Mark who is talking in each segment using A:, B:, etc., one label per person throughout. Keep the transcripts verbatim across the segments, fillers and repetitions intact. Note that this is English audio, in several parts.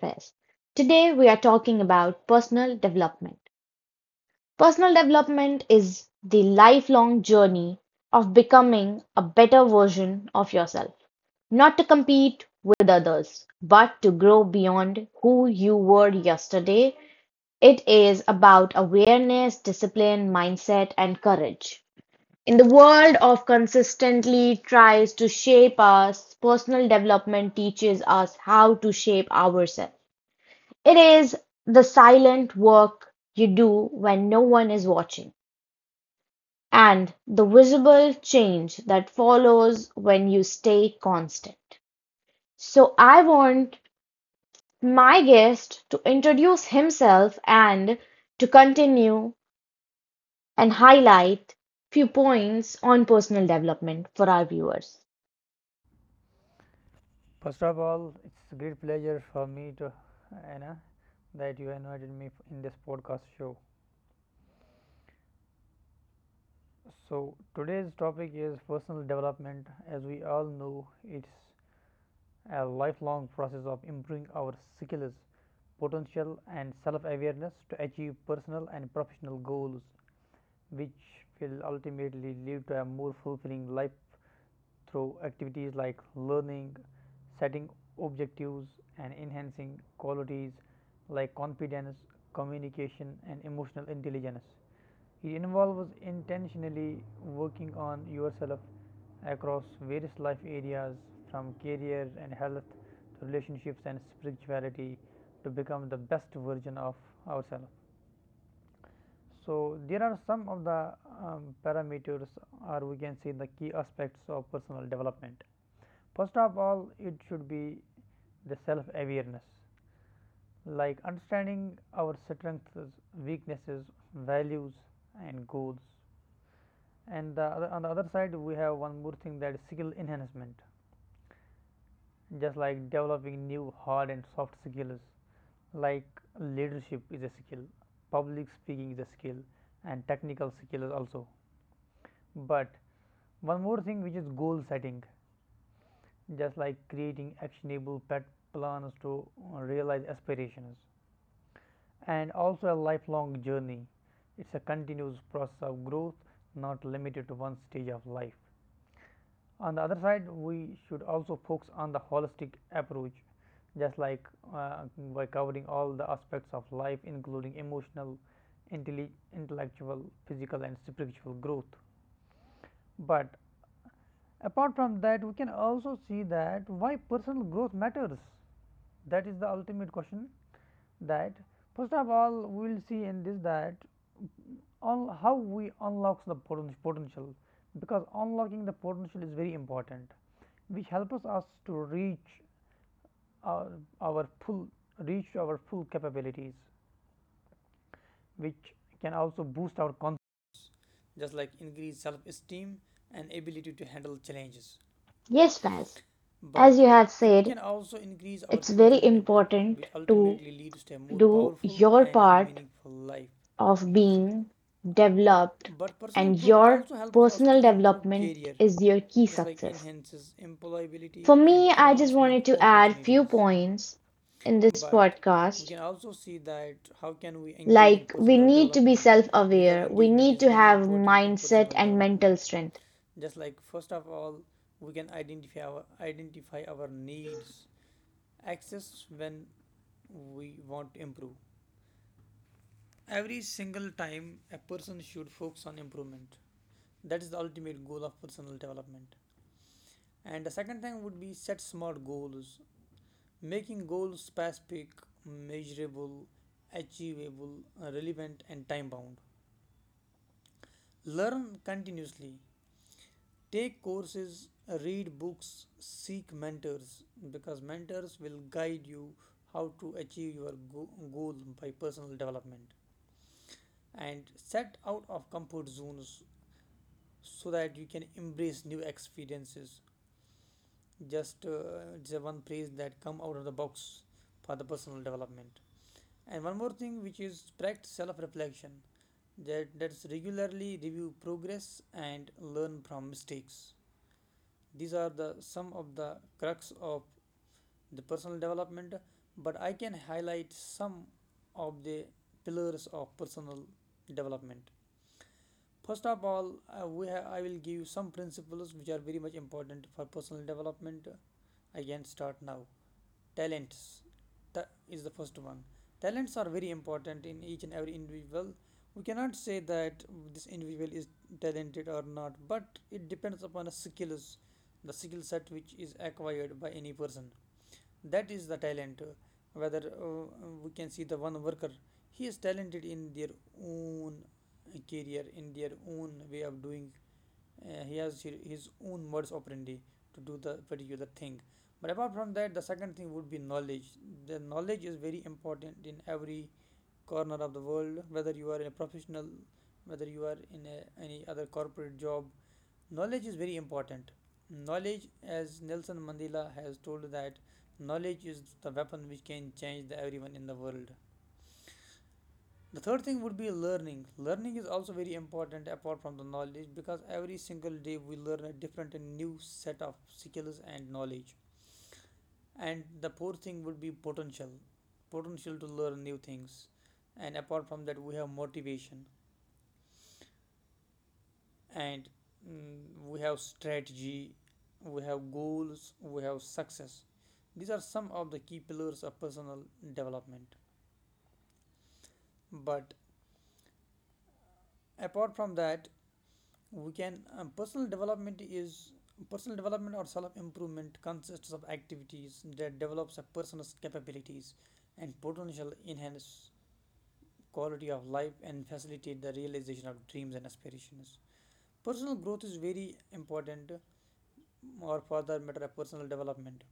A: Fez. Today, we are talking about personal development. Personal development is the lifelong journey of becoming a better version of yourself, not to compete with others, but to grow beyond who you were yesterday. It is about awareness, discipline, mindset, and courage. In the world of consistently tries to shape us, personal development teaches us how to shape ourselves. It is the silent work you do when no one is watching, and the visible change that follows when you stay constant. So, I want my guest to introduce himself and to continue and highlight few points on personal development for our viewers.
B: First of all, it's a great pleasure for me to Anna that you invited me in this podcast show. So today's topic is personal development. As we all know, it's a lifelong process of improving our skills, potential, and self-awareness to achieve personal and professional goals, which will ultimately lead to a more fulfilling life through activities like learning, setting objectives, and enhancing qualities like confidence, communication, and emotional intelligence. It involves intentionally working on yourself across various life areas from career and health to relationships and spirituality to become the best version of ourselves. So, there are some of the um, parameters, or we can say the key aspects of personal development. First of all, it should be the self awareness, like understanding our strengths, weaknesses, values, and goals. And the other, on the other side, we have one more thing that is skill enhancement, just like developing new hard and soft skills, like leadership is a skill, public speaking is a skill, and technical skills also. But one more thing, which is goal setting, just like creating actionable pet plans to uh, realize aspirations and also a lifelong journey. It's a continuous process of growth, not limited to one stage of life. On the other side, we should also focus on the holistic approach, just like uh, by covering all the aspects of life, including emotional, intelli- intellectual, physical, and spiritual growth. But apart from that, we can also see that why personal growth matters. That is the ultimate question. That first of all, we will see in this that on how we unlocks the potential because unlocking the potential is very important, which helps us to reach our, our full reach our full capabilities, which can also boost our confidence, just like increase self-esteem and ability to handle challenges.
A: Yes, Faz. As
B: But
A: you have
B: it
A: said,
B: can also increase our
A: it's very
B: fulfillment,
A: important
B: which
A: to
B: ultimately leads to a more
A: do
B: powerful
A: your
B: and
A: part
B: meaningful life.
A: of being developed,
B: But personal
A: and
B: growth
A: your
B: also helps us
A: personal
B: to improve
A: development
B: career,
A: is your key
B: just like
A: success.
B: enhances
A: For
B: employability and
A: me, I just
B: advancement
A: wanted to add few
B: opportunities.
A: points in this
B: But we
A: podcast.
B: can also see that how can we engage in
A: Like, we
B: personal
A: need to be
B: development because
A: self-aware, we
B: engagement
A: need
B: is
A: to
B: very
A: have
B: important in
A: mindset
B: personal
A: and mental
B: development.
A: strength.
B: Just like first of all, we can identify our identify our needs, access when we want to improve. Every single time a person should focus on improvement. That is the ultimate goal of personal development. And the second thing would be set smart goals, making goals specific, measurable, achievable, relevant, and time bound. Learn continuously. Take courses, read books, seek mentors because mentors will guide you how to achieve your go- goal by personal development. And set out of comfort zones so that you can embrace new experiences. Just uh, It's a one phrase that come out of the box for the personal development. And one more thing, which is practice self-reflection. That that's regularly review progress and learn from mistakes. These are the some of the crux of the personal development, but I can highlight some of the pillars of personal development. First of all, I, we ha- I will give you some principles which are very much important for personal development. I can start now talents. Ta- is the first one. Talents are very important in each and every individual. We cannot say that this individual is talented or not, but it depends upon the skills, the skill set which is acquired by any person. That is the talent, whether uh, we can see the one worker. He is talented in their own career, in their own way of doing. Uh, he has his own modus operandi to do the particular thing. But apart from that, the second thing would be knowledge. The knowledge is very important in every corner of the world, whether you are a professional, whether you are in a any other corporate job. Knowledge is very important. Knowledge, as Nelson Mandela has told, that knowledge is the weapon which can change the everyone in the world. The third thing would be learning. Learning is also very important apart from the knowledge because every single day we learn a different and new set of skills and knowledge. And the fourth thing would be potential. Potential to learn new things. And apart from that, we have motivation, and mm, we have strategy, we have goals, we have success. These are some of the key pillars of personal development. But apart from that, we can um, personal development is personal development or self improvement consists of activities that develops a person's capabilities and potential, enhance quality of life and facilitate the realization of dreams and aspirations. Personal growth is very important, or for that matter a personal development,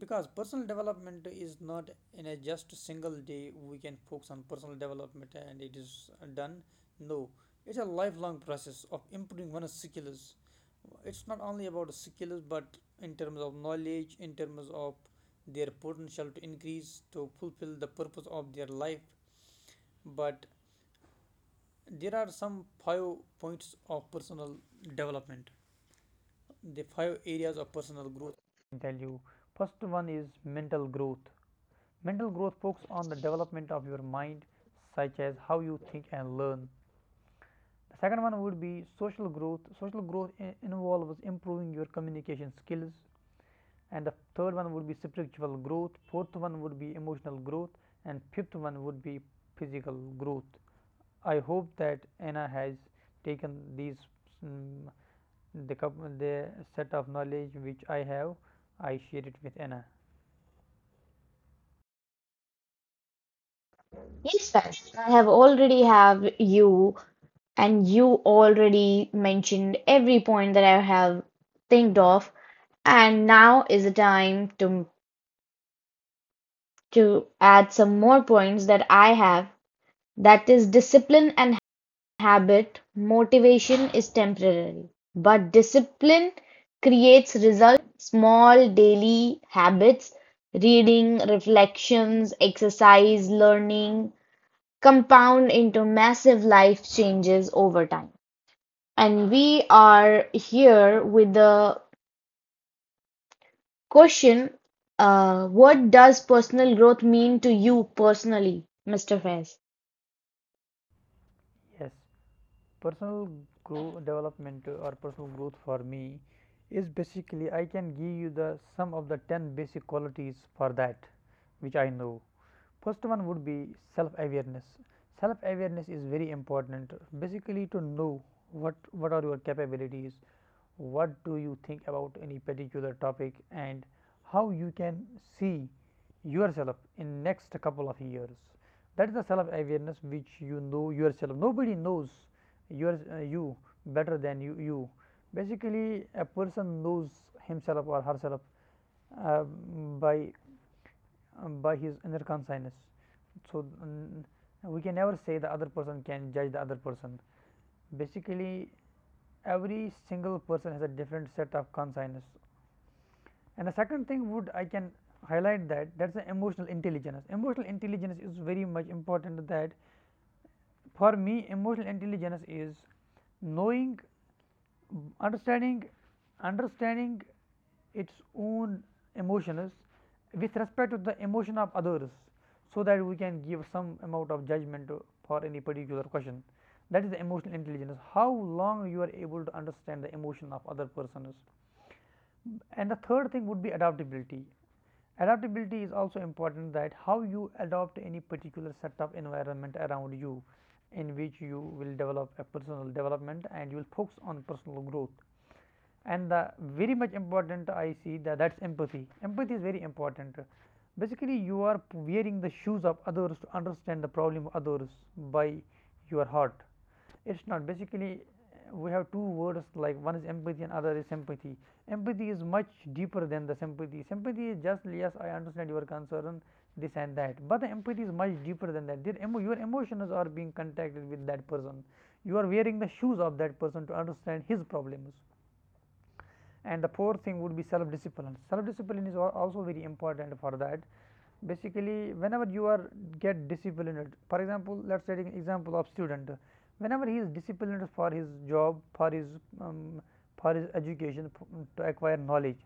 B: because personal development is not in a just single day we can focus on personal development and it is done. No, it's a lifelong process of improving one's skills. It's not only about skills, but in terms of knowledge, in terms of their potential to increase, to fulfill the purpose of their life. But there are some five points of personal development, the five areas of personal growth I tell you. First one is mental growth. Mental growth focuses on the development of your mind, such as how you think and learn. The second one would be social growth. Social growth involves improving your communication skills. And the third one would be spiritual growth. Fourth one would be emotional growth, and fifth one would be physical growth. I hope that Anna has taken these mm, the, coup- the set of knowledge which I have, I share it with Anna.
A: Yes, yes, I have already have you, and you already mentioned every point that I have think of. And now is the time to to add some more points that I have, that is discipline and habit. Motivation is temporary, but discipline creates result. Small daily habits, reading, reflections, exercise, learning, compound into massive life changes over time. And we are here with the question, uh, what does personal growth mean to you personally, mister Fez?
B: Yes, personal growth development or personal growth for me is basically I can give you the some of the ten basic qualities for that which I know. First one would be self awareness. Self awareness is very important, basically to know what what are your capabilities, what do you think about any particular topic and how you can see yourself in next couple of years. That is the self awareness which you know yourself. Nobody knows your uh, you better than you. You basically a person knows himself or herself uh, by uh, by his inner consciousness. So mm, we can never say the other person can judge the other person. Basically every single person has a different set of consciousness. And the second thing would I can highlight that that's the emotional intelligence. Emotional intelligence is very much important that for me emotional intelligence is knowing, understanding understanding its own emotions with respect to the emotion of others, so that we can give some amount of judgment for any particular question. That is the emotional intelligence, how long you are able to understand the emotion of other persons. And the third thing would be adaptability. Adaptability is also important, that how you adopt any particular set of environment around you in which you will develop a personal development and you will focus on personal growth. And the very much important I see that that is empathy. Empathy is very important. Basically, you are wearing the shoes of others to understand the problem of others by your heart. It's not basically uh, we have two words, like one is empathy and other is sympathy. Empathy is much deeper than the sympathy. Sympathy is just yes, I understand your concern, this and that. But the empathy is much deeper than that. Their emo- your emotions are being contacted with that person. You are wearing the shoes of that person to understand his problems. And the fourth thing would be self discipline. Self discipline is also very important for that. Basically, whenever you are get disciplined, for example, let's take an example of student, whenever he is disciplined for his job, for his um, for his education to acquire knowledge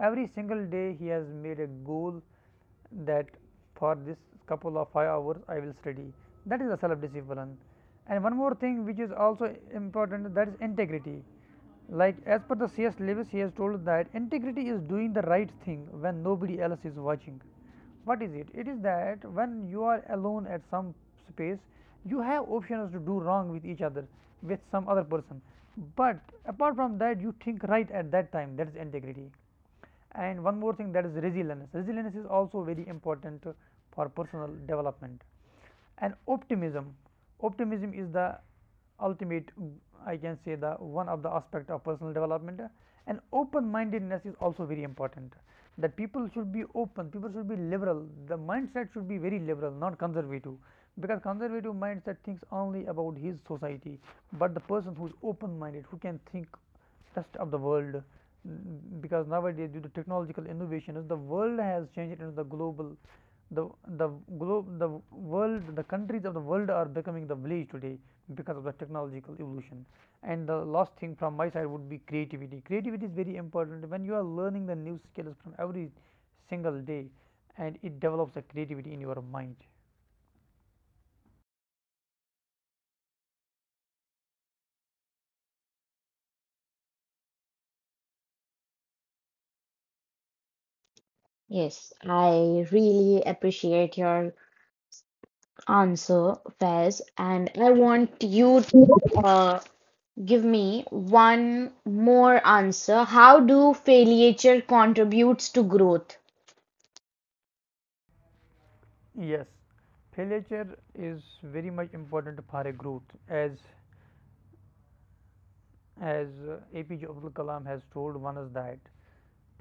B: every single day, he has made a goal that for this couple of five hours I will study. That is the self discipline. And one more thing which is also important, that is integrity. Like as per the C S. Lewis, he has told that integrity is doing the right thing when nobody else is watching. What is it? It is that when you are alone at some space, you have options to do wrong with each other, with some other person. But apart from that, you think right at that time. That is integrity. And one more thing, that is resilience. Resilience is also very important uh, for personal development. And optimism optimism is the ultimate, I can say the one of the aspect of personal development, uh, and open mindedness is also very important. That people should be open, people should be liberal, the mindset should be very liberal, not conservative, because conservative mindset thinks only about his society, but the person who is open minded, who can think rest of the world, because nowadays due to technological innovations the world has changed into the global. The, the globe, the world, the countries of the world are becoming the village today because of the technological evolution. And the last thing from my side would be creativity. Creativity is very important when you are learning the new skills from every single day, and it develops the creativity in your mind.
A: Yes, I really appreciate your answer, Fez, and I want you to uh, give me one more answer. How do failure contributes to growth?
B: Yes, failure is very much important for a growth, as as uh, A P J Abdul Kalam has told one us that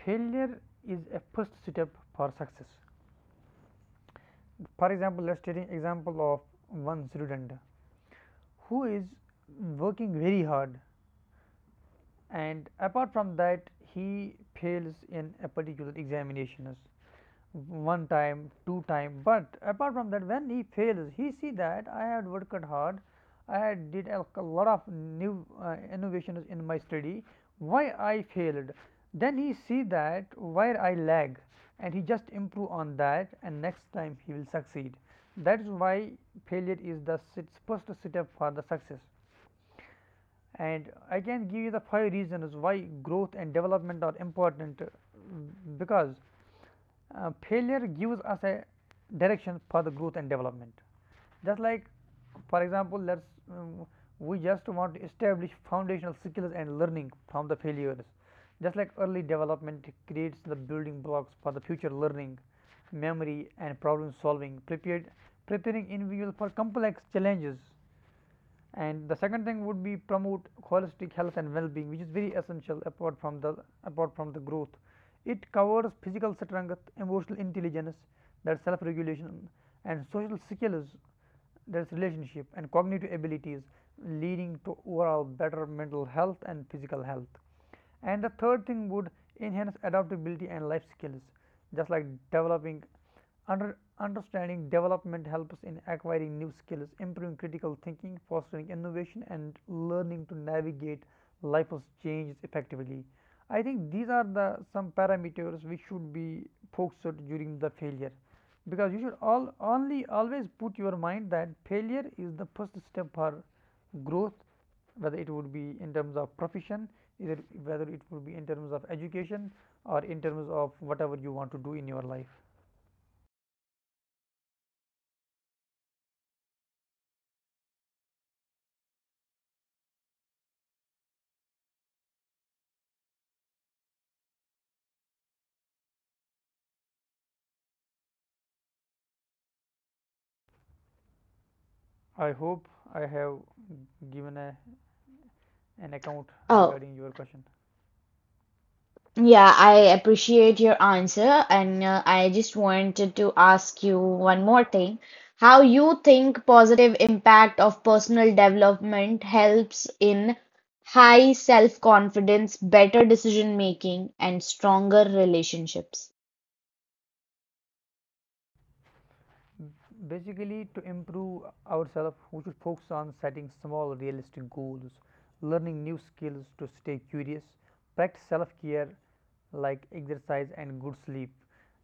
B: failure is a first step for success. For example, let's take an example of one student who is working very hard, and apart from that he fails in a particular examinations one time, two time, but apart from that when he fails, he see that I had worked hard, I had did a lot of new uh, innovations in my study, why I failed. Then he see that where I lag, and he just improve on that, and next time he will succeed. That is why failure is the sit- first step for the success. And I can give you the five reasons why growth and development are important, uh, because uh, failure gives us a direction for the growth and development. Just like, for example, let's um, we just want to establish foundational skills and learning from the failures. Just like early development creates the building blocks for the future learning, memory and problem solving, prepared, preparing individuals for complex challenges. And the second thing would be promote holistic health and well-being, which is very essential apart from the apart from the growth. It covers physical strength, emotional intelligence, that's self-regulation, and social skills, that's relationship, and cognitive abilities, leading to overall better mental health and physical health. And the third thing would enhance adaptability and life skills, just like developing under understanding development helps in acquiring new skills, improving critical thinking, fostering innovation, and learning to navigate life's changes effectively. I think these are the some parameters which should be focused during the failure, because you should all only always put your mind that failure is the first step for growth, whether it would be in terms of profession, either whether it would be in terms of education, or in terms of whatever you want to do in your life. I hope I have given a, an account
A: Oh,
B: regarding your question.
A: yeah, I appreciate your answer, and uh, I just wanted to ask you one more thing. How you think positive impact of personal development helps in high self-confidence, better decision making, and stronger relationships?
B: Basically, to improve ourselves, we should focus on setting small realistic goals, learning new skills to stay curious, practice self care like exercise and good sleep,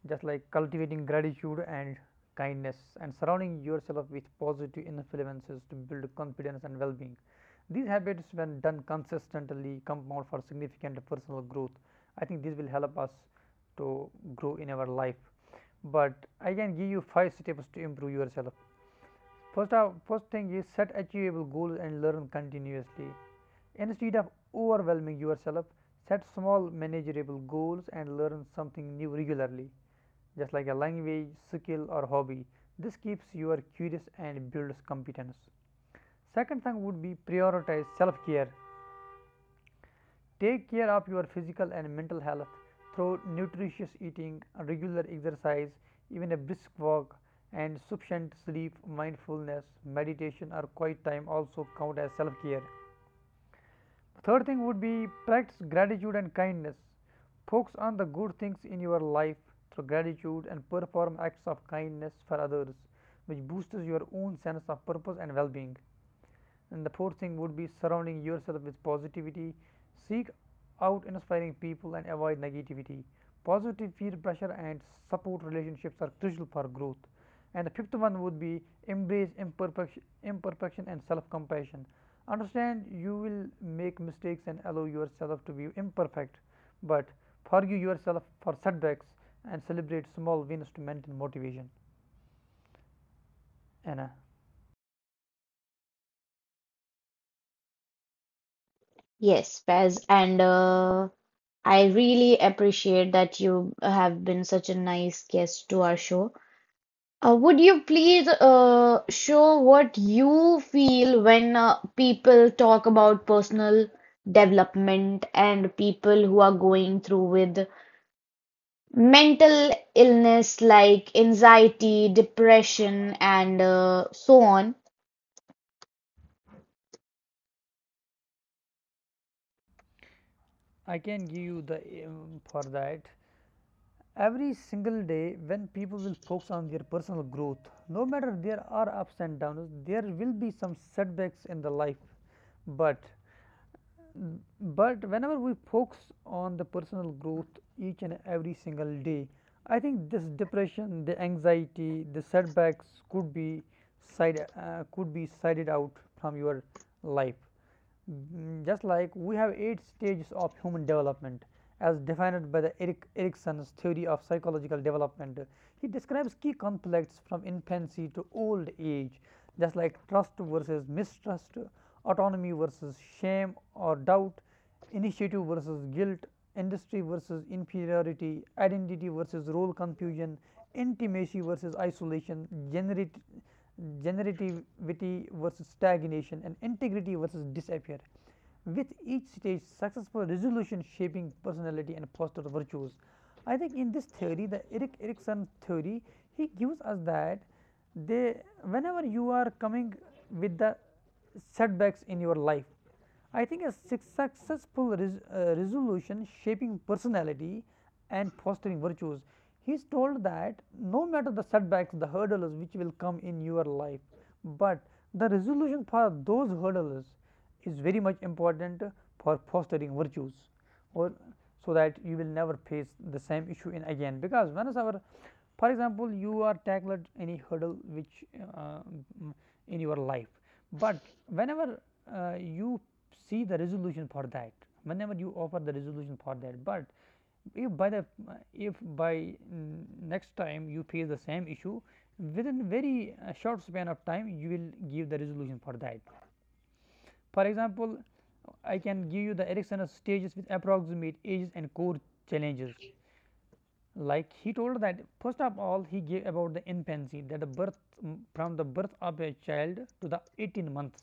B: just like cultivating gratitude and kindness, and surrounding yourself with positive influences to build confidence and well-being. These habits, when done consistently, compound for significant personal growth. I think this will help us to grow in our life. But I can give you five steps to improve yourself. First, of, first thing is set achievable goals and learn continuously. Instead of overwhelming yourself, set small manageable goals and learn something new regularly, just like a language, skill, or hobby. This keeps you curious and builds competence. Second thing would be prioritize self care. Take care of your physical and mental health through nutritious eating, regular exercise, even a brisk walk, and sufficient sleep. Mindfulness, meditation, or quiet time also count as self care. Third thing would be practice gratitude and kindness. Focus on the good things in your life through gratitude and perform acts of kindness for others, which boosts your own sense of purpose and well being. And the fourth thing would be surrounding yourself with positivity. Seek out inspiring people and avoid negativity. Positive peer pressure and support relationships are crucial for growth. And the fifth one would be embrace imperfection, imperfection and self compassion. Understand you will make mistakes and allow yourself to be imperfect, but forgive yourself for setbacks and celebrate small wins to maintain motivation. Anna,
A: Yes, Paz, and uh, I really appreciate that you have been such a nice guest to our show. Uh, would you please uh, show what you feel when uh, people talk about personal development and people who are going through with mental illness like anxiety, depression, and uh, so on?
B: I can give you the um, for that, every single day, when people will focus on their personal growth, no matter there are ups and downs, there will be some setbacks in the life. But but whenever we focus on the personal growth each and every single day, I think this depression, the anxiety, the setbacks could be side uh, could be sided out from your life. Mm, just like we have eight stages of human development as defined by the Eric Erickson's theory of psychological development. He describes key conflicts from infancy to old age, just like trust versus mistrust, autonomy versus shame or doubt, initiative versus guilt, industry versus inferiority, identity versus role confusion, intimacy versus isolation, generate, generativity versus stagnation, and integrity versus disappear. With each stage successful resolution shaping personality and foster virtues. I think in this theory, the Erik Erikson theory, he gives us that they whenever you are coming with the setbacks in your life, I think a successful res- uh, resolution shaping personality and fostering virtues. He is told that no matter the setbacks, the hurdles which will come in your life, but the resolution for those hurdles is very much important for fostering virtues, or so that you will never face the same issue in again. Because whenever, for example, you are tackled any hurdle which uh, in your life, but whenever uh, you see the resolution for that, whenever you offer the resolution for that, but if by the if by next time you face the same issue within very uh, short span of time, you will give the resolution for that. For example, I can give you the Ericksonian stages with approximate ages and core challenges. Like he told that first of all he gave about the infancy, that the birth mm, from the birth of a child to the eighteen months,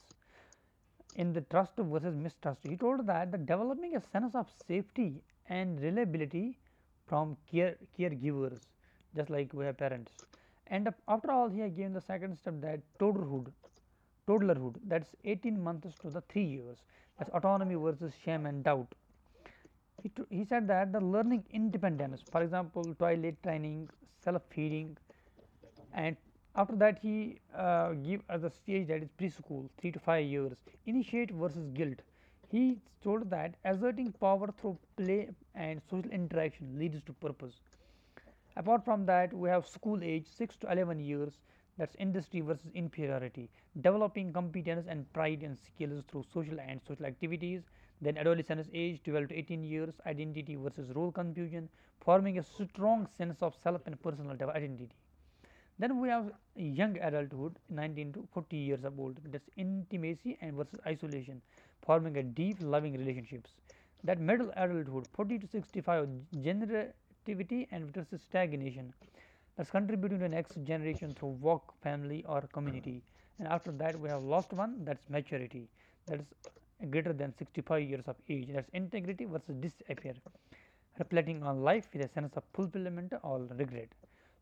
B: in the trust versus mistrust. He told that the developing a sense of safety and reliability from care caregivers, just like we have parents. And after all, he had the second step, that toddlerhood, toddlerhood that's eighteen months to the three years. That's autonomy versus shame and doubt. He, he said that the learning independence, for example, toilet training, self feeding. And after that he uh, give us the stage that is preschool, three to five years. Initiate versus guilt. He told that asserting power through play and social interaction leads to purpose. Apart from that we have school age six to eleven years, that is industry versus inferiority, developing competence and pride and skills through social and social activities. Then adolescence age twelve to eighteen years, identity versus role confusion, forming a strong sense of self and personal identity. Then we have young adulthood nineteen to forty years of old, that's intimacy and versus isolation, forming a deep loving relationships. That middle adulthood forty to sixty-five, generativity and versus stagnation, that's contributing to the next generation through work, family or community. And after that we have lost one, that's maturity, that's greater than sixty-five years of age, that's integrity versus disappear, reflecting on life with a sense of fulfillment or regret.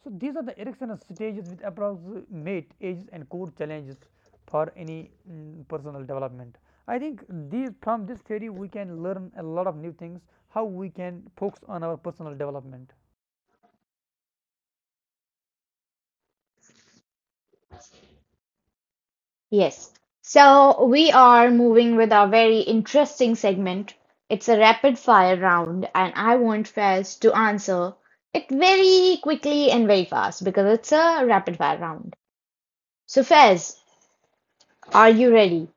B: So, these are the Erickson's stages with approximate ages and core challenges for any mm, personal development. I think these from this theory we can learn a lot of new things how we can focus on our personal development.
A: Yes. So we are moving with our very interesting segment. It's a rapid fire round, and I want Faz to answer it very quickly and very fast because it's a rapid fire round. So, Fez, are you ready?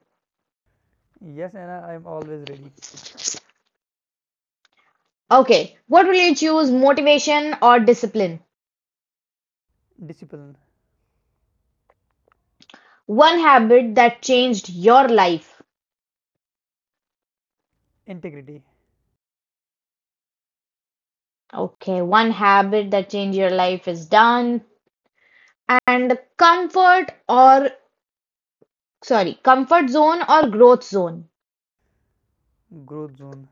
B: Yes, Anna, I am always ready.
A: Okay, what will you choose, motivation or discipline?
B: Discipline,
A: One habit that changed your life.
B: integrity,
A: Okay, one habit that changed your life is done. And comfort or, sorry, comfort zone or growth zone.
B: growth zone,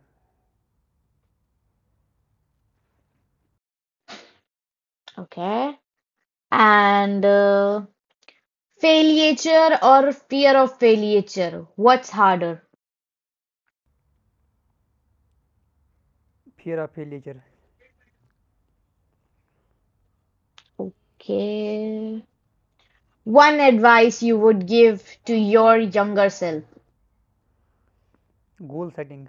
A: Okay, and uh, failure or fear of failure. What's harder?
B: fear of failure,
A: Okay, one advice you would give to your younger self.
B: goal setting.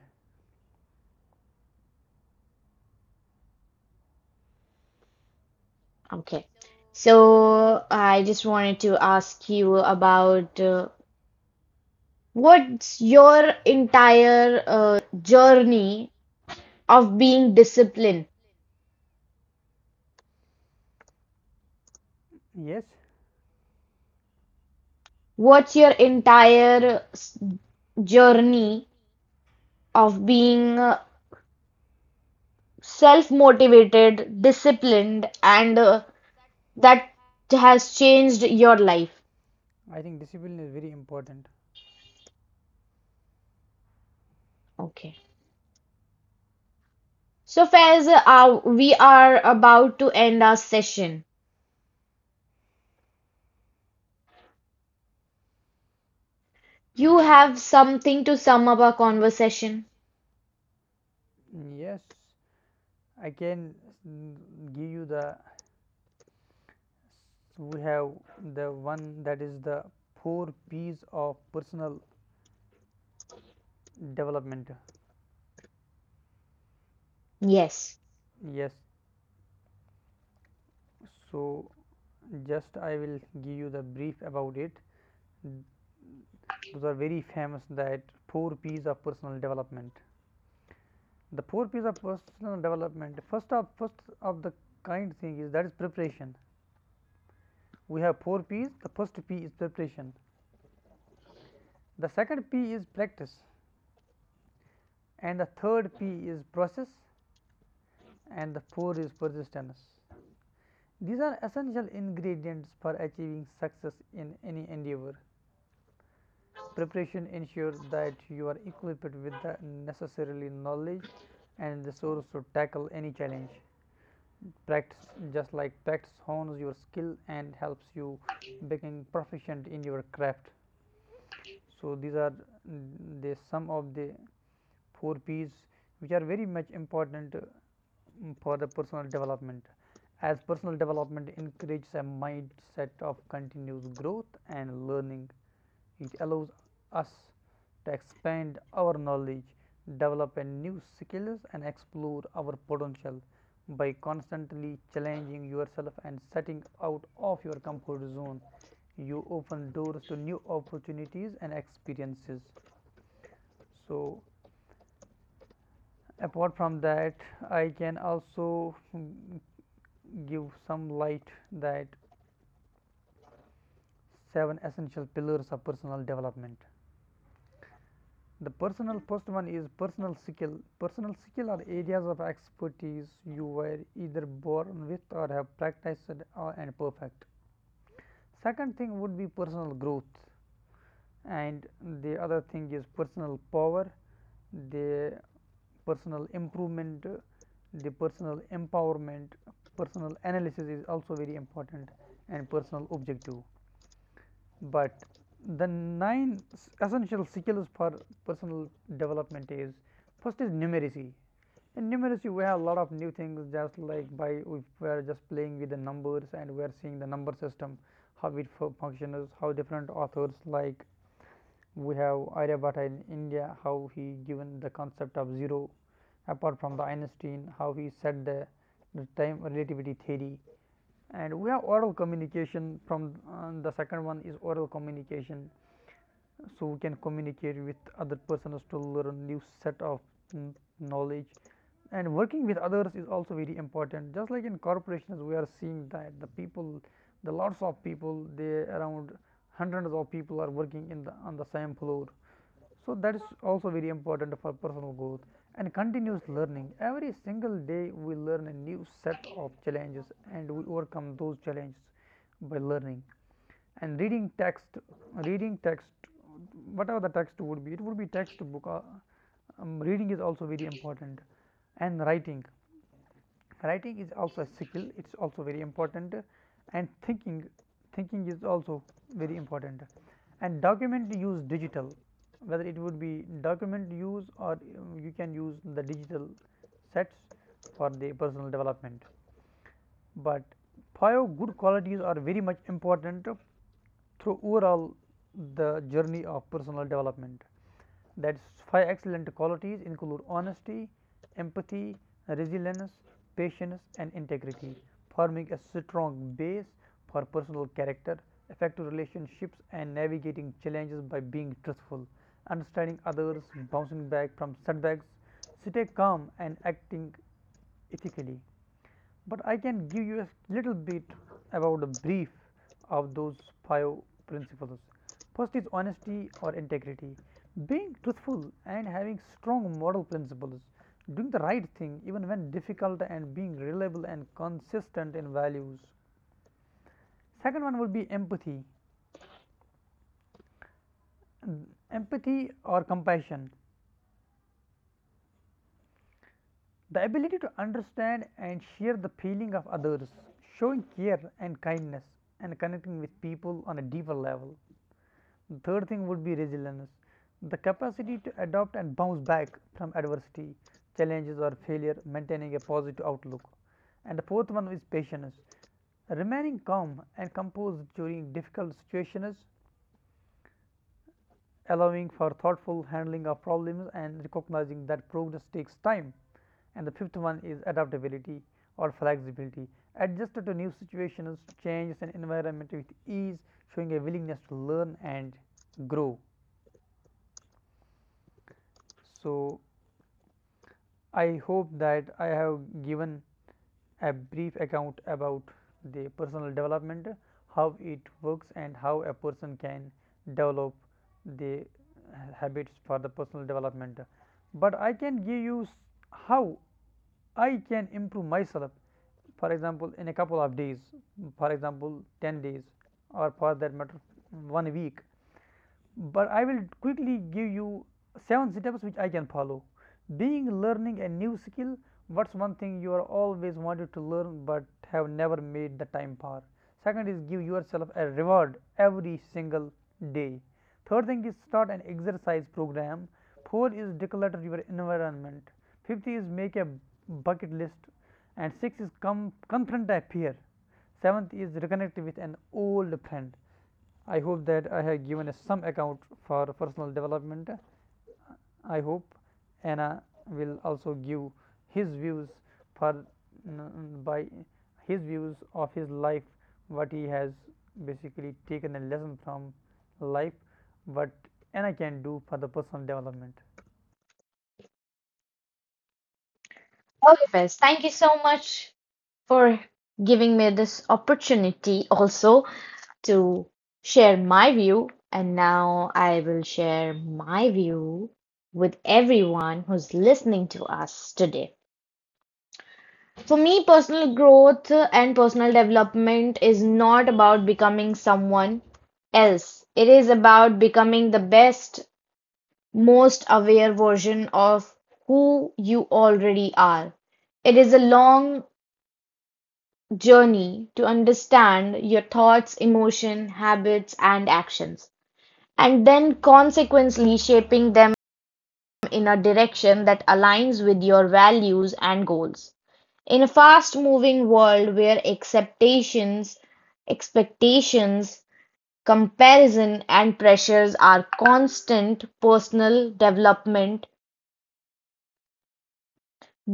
A: Okay. So I just wanted to ask you about uh, what's your entire uh, journey of being disciplined?
B: Yes,
A: What's your entire s- journey of being uh, self-motivated, disciplined, and uh, that has changed your life?
B: I think discipline is very important.
A: Okay. So, Faiz, uh, we are about to end our session. You have something to sum up our conversation?
B: Yes, I can mm, give you the, we have the one that is the four P's of personal development.
A: Yes.
B: Yes, so just I will give you the brief about it. Those are very famous, that four P's of personal development. The four P's of personal development. First of first of the kind thing is that is preparation. We have four P's. The first P is preparation. The second P is practice, and the third P is process, and the four is persistence. These are essential ingredients for achieving success in any endeavor. Preparation ensures that you are equipped with the necessary knowledge and resources to tackle any challenge. Practice, just like practice, hones your skill and helps you become proficient in your craft. So these are mm, the some of the four P's which are very much important uh, mm, for the personal development, as personal development encourages a mindset of continuous growth and learning. It allows us to expand our knowledge, develop new skills and explore our potential by constantly challenging yourself and setting out of your comfort zone. You open doors to new opportunities and experiences. So, apart from that, I can also mm, give some light that seven essential pillars of personal development. The personal first one is personal skill. Personal skill are areas of expertise you were either born with or have practiced uh, and perfect. Second thing would be personal growth, and the other thing is personal power, the personal improvement, uh, the personal empowerment, personal analysis is also very important, and personal objective. But the nine essential skills for personal development is, first is numeracy. In numeracy, we have a lot of new things, just like, by if we are just playing with the numbers and we are seeing the number system, how it functions, how different authors, like we have Aryabhatta in India, how he given the concept of zero, apart from the Einstein, how he said the, the time relativity theory, and we have oral communication from uh, the second one is oral communication. So we can communicate with other persons to learn new set of mm, knowledge, and working with others is also very important, just like in corporations we are seeing that the people the lots of people, they, around hundreds of people are working in the on the same floor, so that is also very important for personal growth and continuous learning. Every single day we learn a new set of challenges, and we overcome those challenges by learning. And reading text, reading text, whatever the text would be, it would be textbook. Uh, um, reading is also very important. And writing. Writing is also a skill, it is also very important. And thinking. Thinking is also very important. And document use, digital, whether it would be document use or um, you can use the digital sets for the personal development. But five good qualities are very much important uh, through overall the journey of personal development. That five excellent qualities include honesty, empathy, resilience, patience, and integrity, forming a strong base for personal character, effective relationships, and navigating challenges by being truthful, understanding others, bouncing back from setbacks, stay calm, and acting ethically, but I can give you a little bit about a brief of those five principles. First is honesty or integrity. Being truthful and having strong moral principles, doing the right thing even when difficult, and being reliable and consistent in values. Second one will be empathy. Mm, Empathy or compassion. The ability to understand and share the feeling of others, showing care and kindness, and connecting with people on a deeper level. The third thing would be resilience, the capacity to adapt and bounce back from adversity, challenges, or failure, maintaining a positive outlook. And the fourth one is patience, remaining calm and composed during difficult situations, allowing for thoughtful handling of problems, and recognizing that progress takes time. And the fifth one is adaptability or flexibility, adjusted to new situations, changes, and environment with ease, showing a willingness to learn and grow. So, I hope that I have given a brief account about the personal development, how it works and how a person can develop the habits for the personal development. But I can give you how I can improve myself, for example, in a couple of days, for example ten days, or for that matter one week, but I will quickly give you seven steps which I can follow. Being learning a new skill, what's one thing you are always wanted to learn but have never made the time for? Second is give yourself a reward every single day. Third thing is start an exercise program. Four is declutter your environment. Fifth is make a bucket list. And six is come confront a fear. Seventh is reconnect with an old friend. I hope that I have given some account for personal development. I hope Anna will also give his views for mm, by his views of his life, what he has basically taken a lesson from life, what Anna can do for the personal development.
A: Olivers, thank you so much for giving me this opportunity also to share my view. And now I will share my view with everyone who's listening to us today. For me, personal growth and personal development is not about becoming someone else. It is about becoming the best, most aware version of who you already are. It is a long journey to understand your thoughts, emotion, habits, and actions, and then consequently shaping them in a direction that aligns with your values and goals. In a fast-moving world where acceptations, expectations, comparison, and pressures are constant, personal development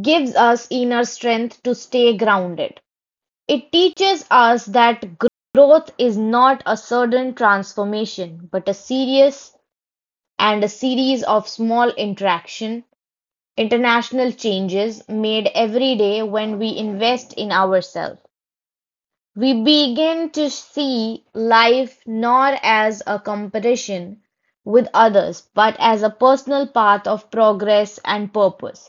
A: gives us inner strength to stay grounded. It teaches us that growth is not a sudden transformation, but a serious and a series of small interaction, international changes made every day. When we invest in ourselves, we begin to see life not as a competition with others, but as a personal path of progress and purpose.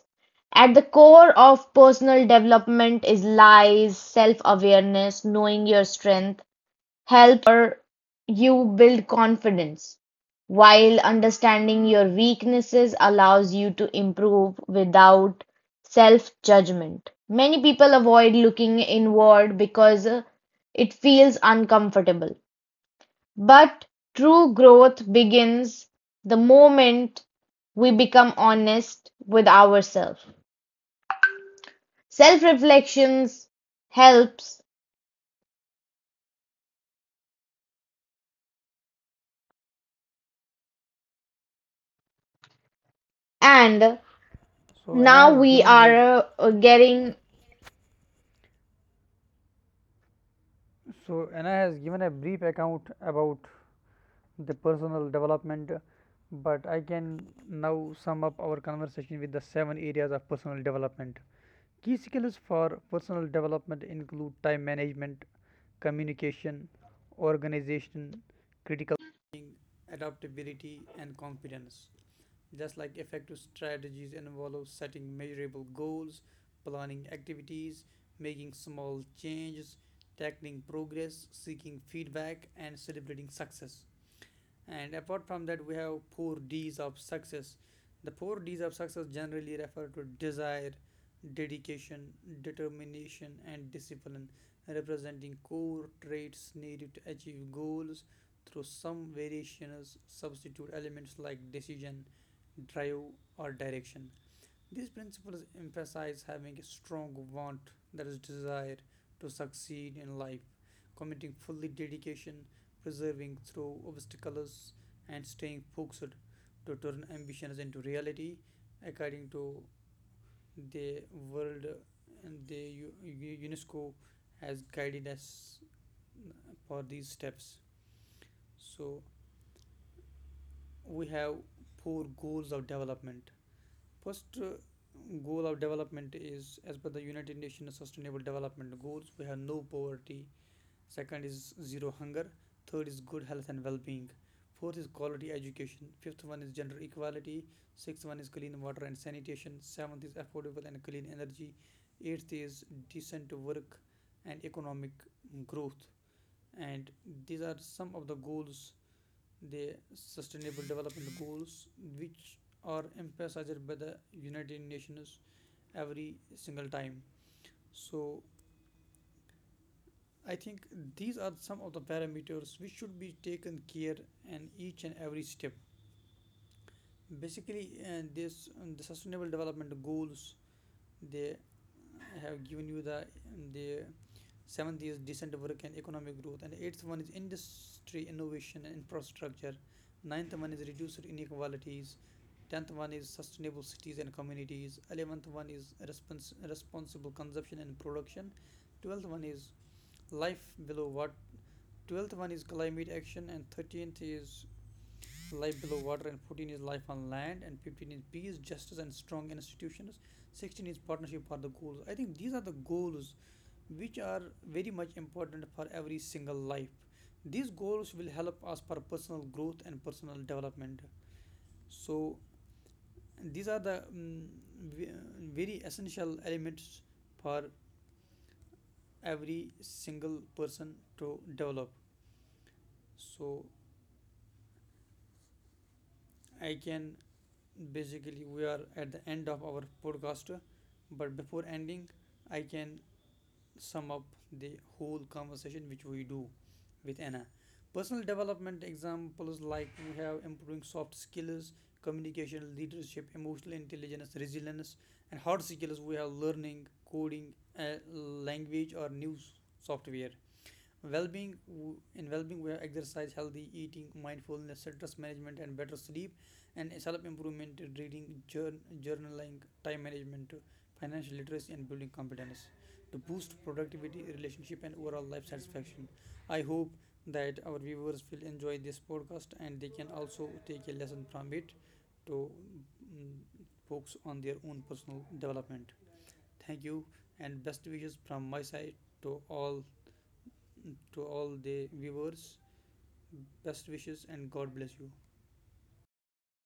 A: At the core of personal development is lies, self awareness, knowing your strength, helps your you build confidence, while understanding your weaknesses allows you to improve without self-judgment. Many people avoid looking inward because uh, it feels uncomfortable. But true growth begins the moment we become honest with ourselves. Self reflections helps, and
B: So, Anna
A: now
B: has
A: we
B: given a
A: are uh, getting
B: so Anna has given a brief account about the personal development, uh, but I can now sum up our conversation with the seven areas of personal development. Key skills for personal development include time management, communication, organization, critical thinking, adaptability, and confidence. Just like effective strategies involve setting measurable goals, planning activities, making small changes, tackling progress, seeking feedback, and celebrating success. And apart from that, we have four D's of success. The four D's of success generally refer to desire, dedication, determination, and discipline, representing core traits needed to achieve goals through some variations substitute elements like decision, drive, or direction. These principles emphasize having a strong want, that is, desire to succeed in life, committing fully dedication, persevering through obstacles, and staying focused to turn ambitions into reality, according to the world, and the U- U- UNESCO has guided us for these steps. So we have four goals of development. First uh, goal of development is, as per the United Nations Sustainable Development Goals, we have no poverty. Second is zero hunger. Third is good health and well-being. Fourth is quality education. Fifth one is gender equality. Sixth one is clean water and sanitation. Seventh is affordable and clean energy. Eighth is decent work and economic growth. And these are some of the goals, the Sustainable Development Goals, which are emphasized by the United Nations every single time. So I think these are some of the parameters which should be taken care in each and every step. Basically, uh, this um, the Sustainable Development Goals, they have given you the the Seventh is decent work and economic growth. And eighth one is industry innovation and infrastructure. Ninth one is reduced inequalities. Tenth one is sustainable cities and communities. Eleventh one is respons- responsible consumption and production. Twelfth one is life below water. Twelfth one is climate action, and thirteenth is life below water, and fourteen is life on land, and fifteen is peace, justice and strong institutions. Sixteen is partnership for the goals. I think these are the goals which are very much important for every single life. These goals will help us for personal growth and personal development. So, these are the mm, ve- very essential elements for every single person to develop. So, I can basically, we are at the end of our podcast, but before ending, I can sum up the whole conversation which we do with Anna. Personal development examples, like we have improving soft skills, communication, leadership, emotional intelligence, resilience, and hard skills we have learning, coding, uh, language, or new software. Well-being, in well-being we have exercise, healthy eating, mindfulness, stress management and better sleep. And self-improvement, reading, jour- journaling, time management, financial literacy, and building competence to boost productivity, relationship, and overall life satisfaction. I hope that our viewers will enjoy this podcast and they can also take a lesson from it to mm, focus on their own personal development. Thank you, and best wishes from my side to all to all the viewers. Best wishes, and God bless you.